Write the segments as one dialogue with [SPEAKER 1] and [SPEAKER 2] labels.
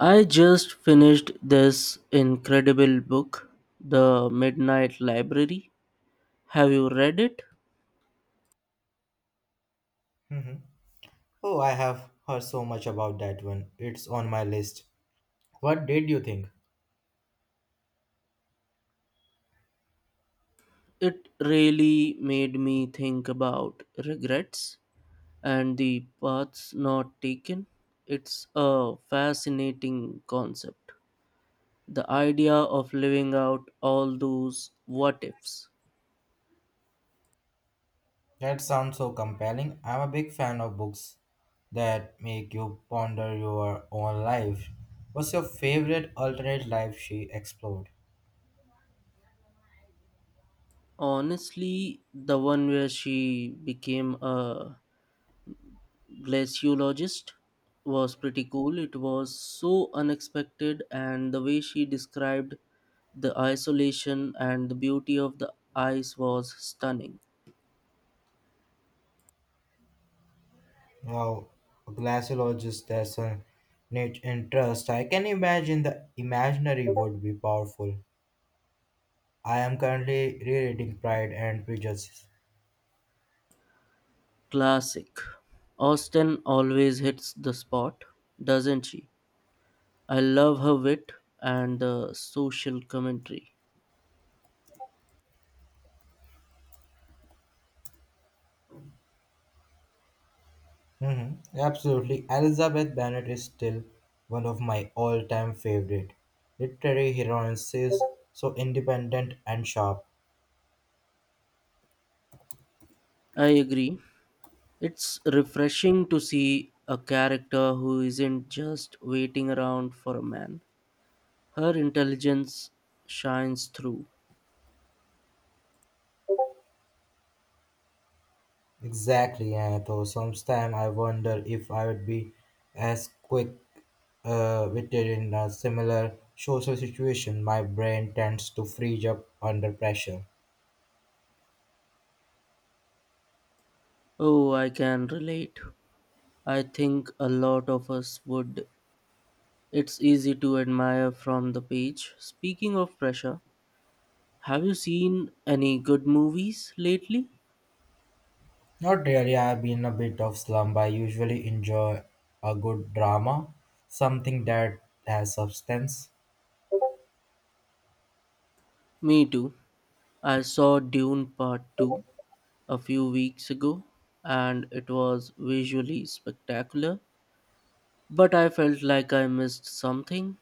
[SPEAKER 1] I just finished this incredible book, The Midnight Library. Have you read it?
[SPEAKER 2] Mhm. Oh, I have heard so much about that one. It's on my list. What did you think?
[SPEAKER 1] It really made me think about regrets and the paths not taken. It's a fascinating concept. The idea of living out all those what ifs.
[SPEAKER 2] That sounds so compelling. I'm a big fan of books that make you ponder your own life. What's your favorite alternate life she explored?
[SPEAKER 1] Honestly, the one where she became a glaciologist was pretty cool. It was so unexpected, and the way she described the isolation and the beauty of the ice was stunning.
[SPEAKER 2] Wow, a glaciologist, that's a neat interest. I can imagine the imaginary would be powerful. I am currently rereading Pride and Prejudice.
[SPEAKER 1] Classic. Austin always hits the spot, doesn't she? I love her wit and the social commentary.
[SPEAKER 2] Mhm. Absolutely. Elizabeth Bennet is still one of my all time favorite literary heroines. She's so independent and sharp.
[SPEAKER 1] I agree. It's refreshing to see a character who isn't just waiting around for a man. Her intelligence shines through.
[SPEAKER 2] Exactly, and though sometimes I wonder if I would be as quick witted in a similar social situation. My brain tends to freeze up under pressure.
[SPEAKER 1] Oh, I can relate. I think a lot of us would. It's easy to admire from the page. Speaking of pressure, have you seen any good movies lately?
[SPEAKER 2] Not really, I've been a bit of slump. I usually enjoy a good drama, something that has substance.
[SPEAKER 1] Me too. I saw Dune Part 2 a few weeks ago and it was visually spectacular, but I felt like I missed something.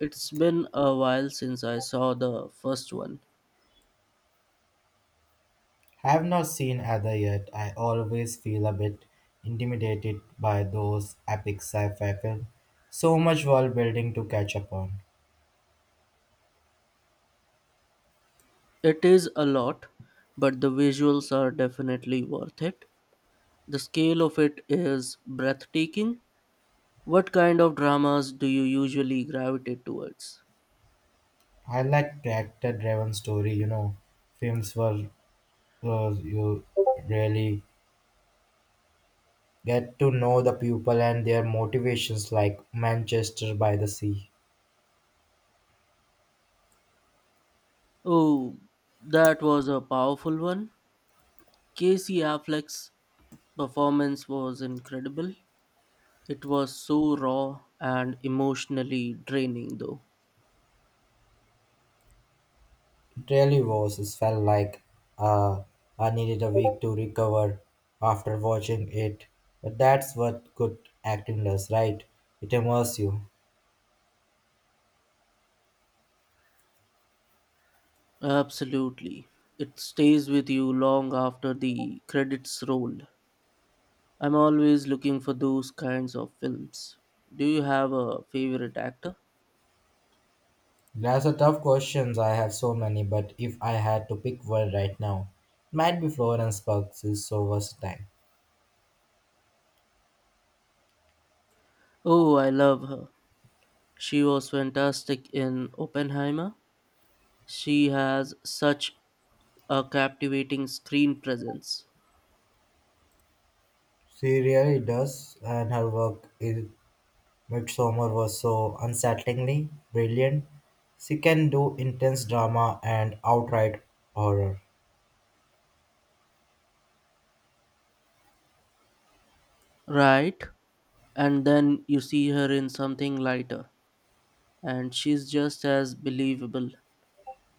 [SPEAKER 1] It's been a while since I saw the first one.
[SPEAKER 2] Have not seen Ada yet. I always feel a bit intimidated by those epic sci-fi films. So much world building to catch up on.
[SPEAKER 1] It is a lot, but the visuals are definitely worth it. The scale of it is breathtaking. What kind of dramas do you usually gravitate towards?
[SPEAKER 2] I like character-driven story. You know, films where you really get to know the people and their motivations, like Manchester by the Sea.
[SPEAKER 1] Oh, that was a powerful one. Casey Affleck's performance was incredible. It was so raw and emotionally draining, though.
[SPEAKER 2] It really was. It felt like uh, I needed a week to recover after watching it. But that's what good acting does, right? It immerses you.
[SPEAKER 1] Absolutely. It stays with you long after the credits roll. I'm always looking for those kinds of films. Do you have a favorite actor?
[SPEAKER 2] That's a tough question. I have so many, but if I had to pick one right now, it might be Florence Pugh. She's so versatile.
[SPEAKER 1] Oh, I love her. She was fantastic in Oppenheimer. She has such a captivating screen presence.
[SPEAKER 2] She really does, and her work in Midsummer was so unsettlingly brilliant. She can do intense drama and outright horror.
[SPEAKER 1] Right? And then you see her in something lighter, and she's just as believable.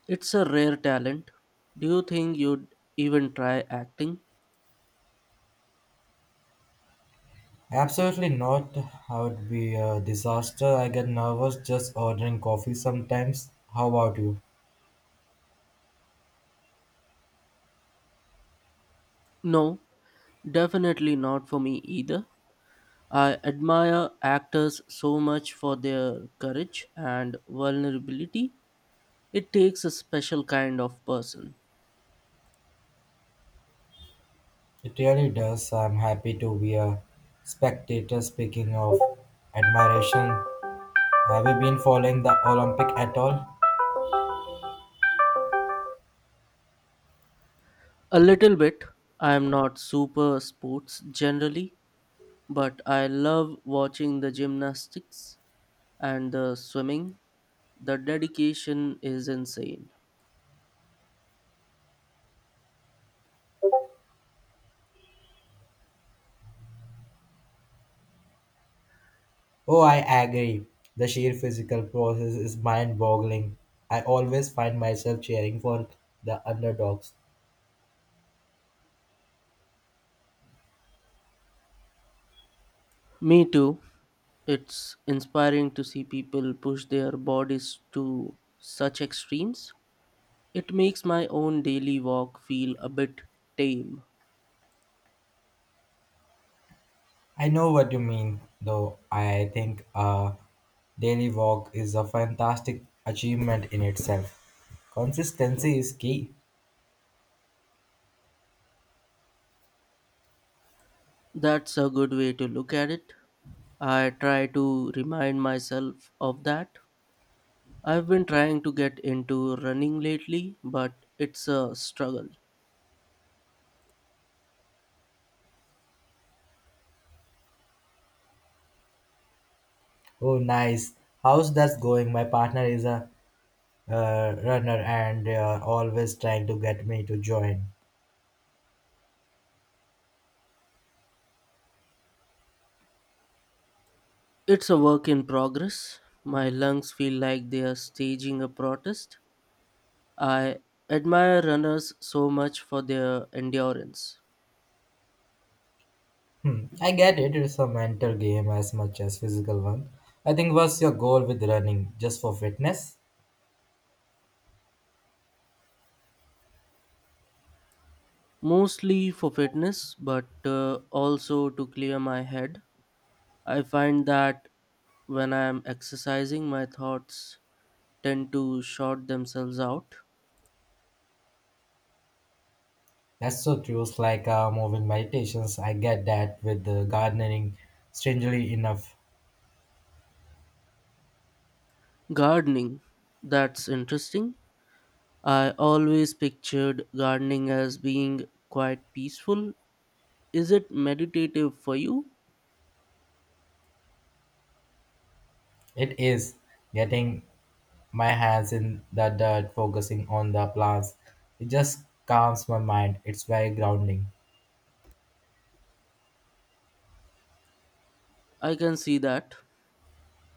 [SPEAKER 1] It's a rare talent. Do you think you'd even try acting?
[SPEAKER 2] Absolutely not. I would be a disaster. I get nervous just ordering coffee sometimes. How about you?
[SPEAKER 1] No, definitely not for me either. I admire actors so much for their courage and vulnerability. It takes a special kind of person.
[SPEAKER 2] It really does. I'm happy to be a spectator. Speaking of admiration, have you been following the Olympic at all?
[SPEAKER 1] A little bit. I'm not super sports generally, but I love watching the gymnastics and the swimming. The dedication is insane.
[SPEAKER 2] Oh, I agree. The sheer physical process is mind boggling. I always find myself cheering for the underdogs.
[SPEAKER 1] Me too. It's inspiring to see people push their bodies to such extremes. It makes my own daily walk feel a bit tame.
[SPEAKER 2] I know what you mean, though. I think a daily walk is a fantastic achievement in itself. Consistency is key.
[SPEAKER 1] That's a good way to look at it. I try to remind myself of that. I've been trying to get into running lately, but it's a struggle.
[SPEAKER 2] Oh, nice. How's that going? My partner is a runner and they are always trying to get me to join.
[SPEAKER 1] It's a work in progress. My lungs feel like they are staging a protest. I admire runners so much for their endurance,
[SPEAKER 2] Hmm, I get it. It's a mental game as much as physical one. I think what's your goal with running? Just for fitness?
[SPEAKER 1] mostly for fitness, but also to clear my head. I find that when I am exercising, my thoughts tend to short themselves out.
[SPEAKER 2] That's so true. It's like moving meditations. I get that with the gardening, strangely enough.
[SPEAKER 1] Gardening, that's interesting. I always pictured gardening as being quite peaceful. Is it meditative for you?
[SPEAKER 2] It is getting my hands in the dirt, focusing on the plants. It just calms my mind. It's very grounding.
[SPEAKER 1] I can see that.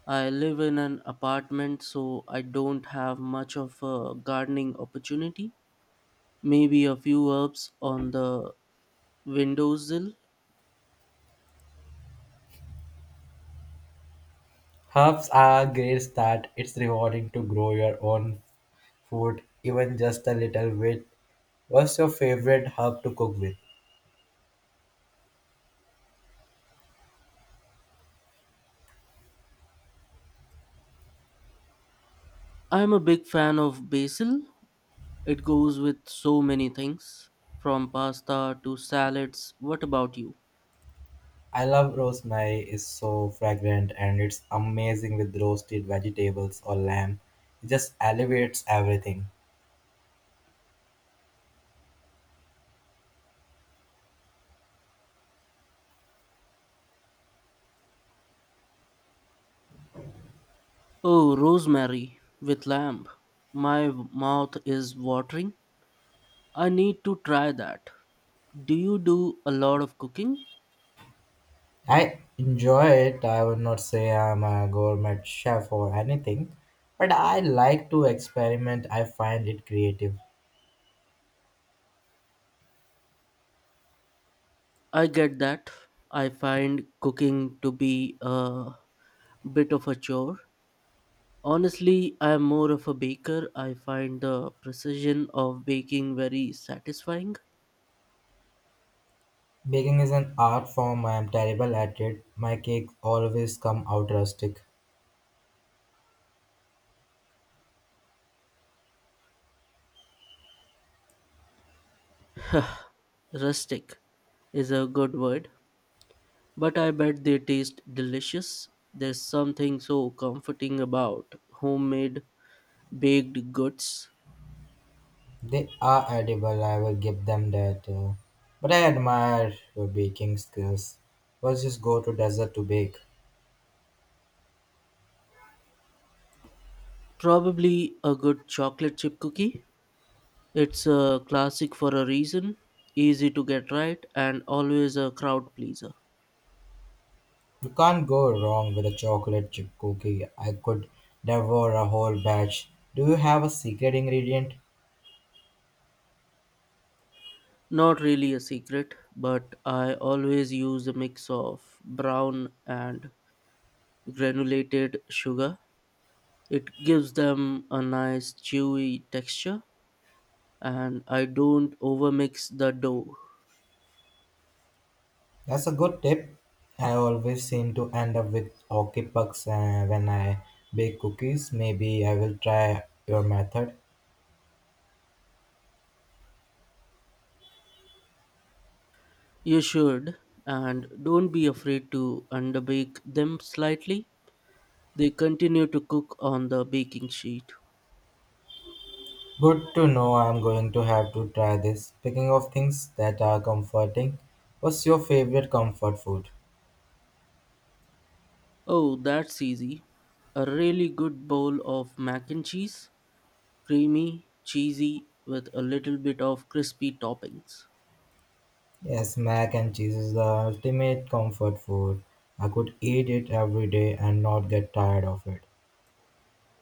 [SPEAKER 1] I live in an apartment, so I don't have much of a gardening opportunity. Maybe a few herbs on the windowsill.
[SPEAKER 2] Herbs are great start. It's rewarding to grow your own food, even just a little bit. What's your favorite herb to cook with?
[SPEAKER 1] I'm a big fan of basil. It goes with so many things, from pasta to salads. What about you?
[SPEAKER 2] I love rosemary. It's so fragrant and it's amazing with roasted vegetables or lamb. It just elevates everything.
[SPEAKER 1] Oh, rosemary with lamb. My mouth is watering. I need to try that. Do you do a lot of cooking?
[SPEAKER 2] I enjoy it. I would not say I'm a gourmet chef or anything, but I like to experiment. I find it creative.
[SPEAKER 1] I get that. I find cooking to be a bit of a chore. Honestly, I am more of a baker. I find the precision of baking very satisfying.
[SPEAKER 2] Baking is an art form. I am terrible at it. My cakes always come out rustic.
[SPEAKER 1] Rustic is a good word, but I bet they taste delicious. There's something so comforting about homemade baked goods.
[SPEAKER 2] They are edible. I will give them that. But I admire your baking skills. Let's just go to desert to bake.
[SPEAKER 1] Probably a good chocolate chip cookie. It's a classic for a reason, easy to get right, and always a crowd pleaser.
[SPEAKER 2] You can't go wrong with a chocolate chip cookie. I could devour a whole batch. Do you have a secret ingredient?
[SPEAKER 1] Not really a secret, but I always use a mix of brown and granulated sugar. It gives them a nice chewy texture, and I don't overmix the dough.
[SPEAKER 2] That's a good tip. I always seem to end up with hockey pucks when I bake cookies. Maybe I will try your method.
[SPEAKER 1] You should, and don't be afraid to underbake them slightly. They continue to cook on the baking sheet.
[SPEAKER 2] Good to know I'm going to have to try this. Speaking of things that are comforting, what's your favorite comfort food?
[SPEAKER 1] Oh, that's easy. A really good bowl of mac and cheese, creamy, cheesy, with a little bit of crispy toppings.
[SPEAKER 2] Yes, mac and cheese is the ultimate comfort food. I could eat it every day and not get tired of it.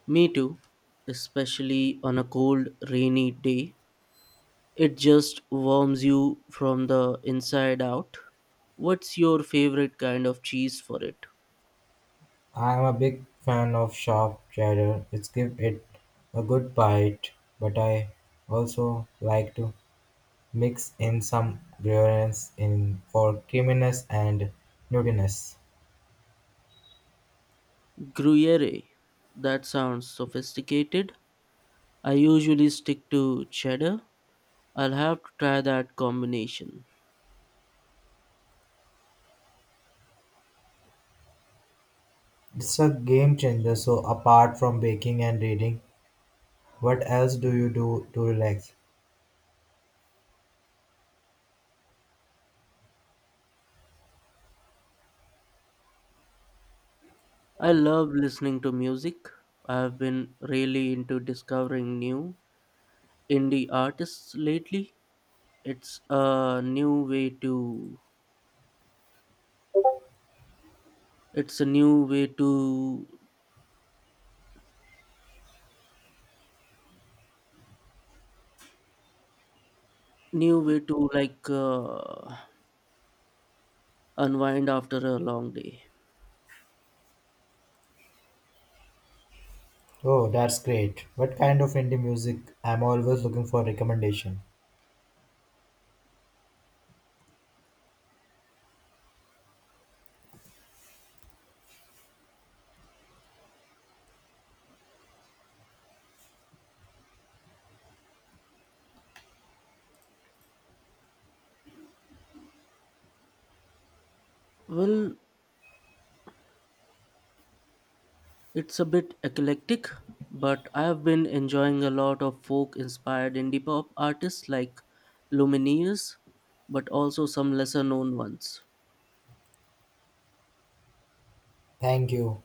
[SPEAKER 1] Me too, especially on a cold, rainy day. It just warms you from the inside out. What's your favorite kind of cheese for it?
[SPEAKER 2] I'm a big fan of sharp cheddar. It's give it a good bite, but I also like to mix in some grains in for creaminess and nuttiness.
[SPEAKER 1] Gruyere. That sounds sophisticated. I usually stick to cheddar. I'll have to try that combination.
[SPEAKER 2] It's a game changer. So apart from baking and reading, what else do you do to relax?
[SPEAKER 1] I love listening to music. I have been really into discovering new indie artists lately. It's a new way to it's a new way to like unwind after a long day.
[SPEAKER 2] Oh, that's great. What kind of indie music? I'm always looking for recommendation.
[SPEAKER 1] Well, it's a bit eclectic, but I have been enjoying a lot of folk inspired indie pop artists like Lumineers, but also some lesser known ones.
[SPEAKER 2] Thank you.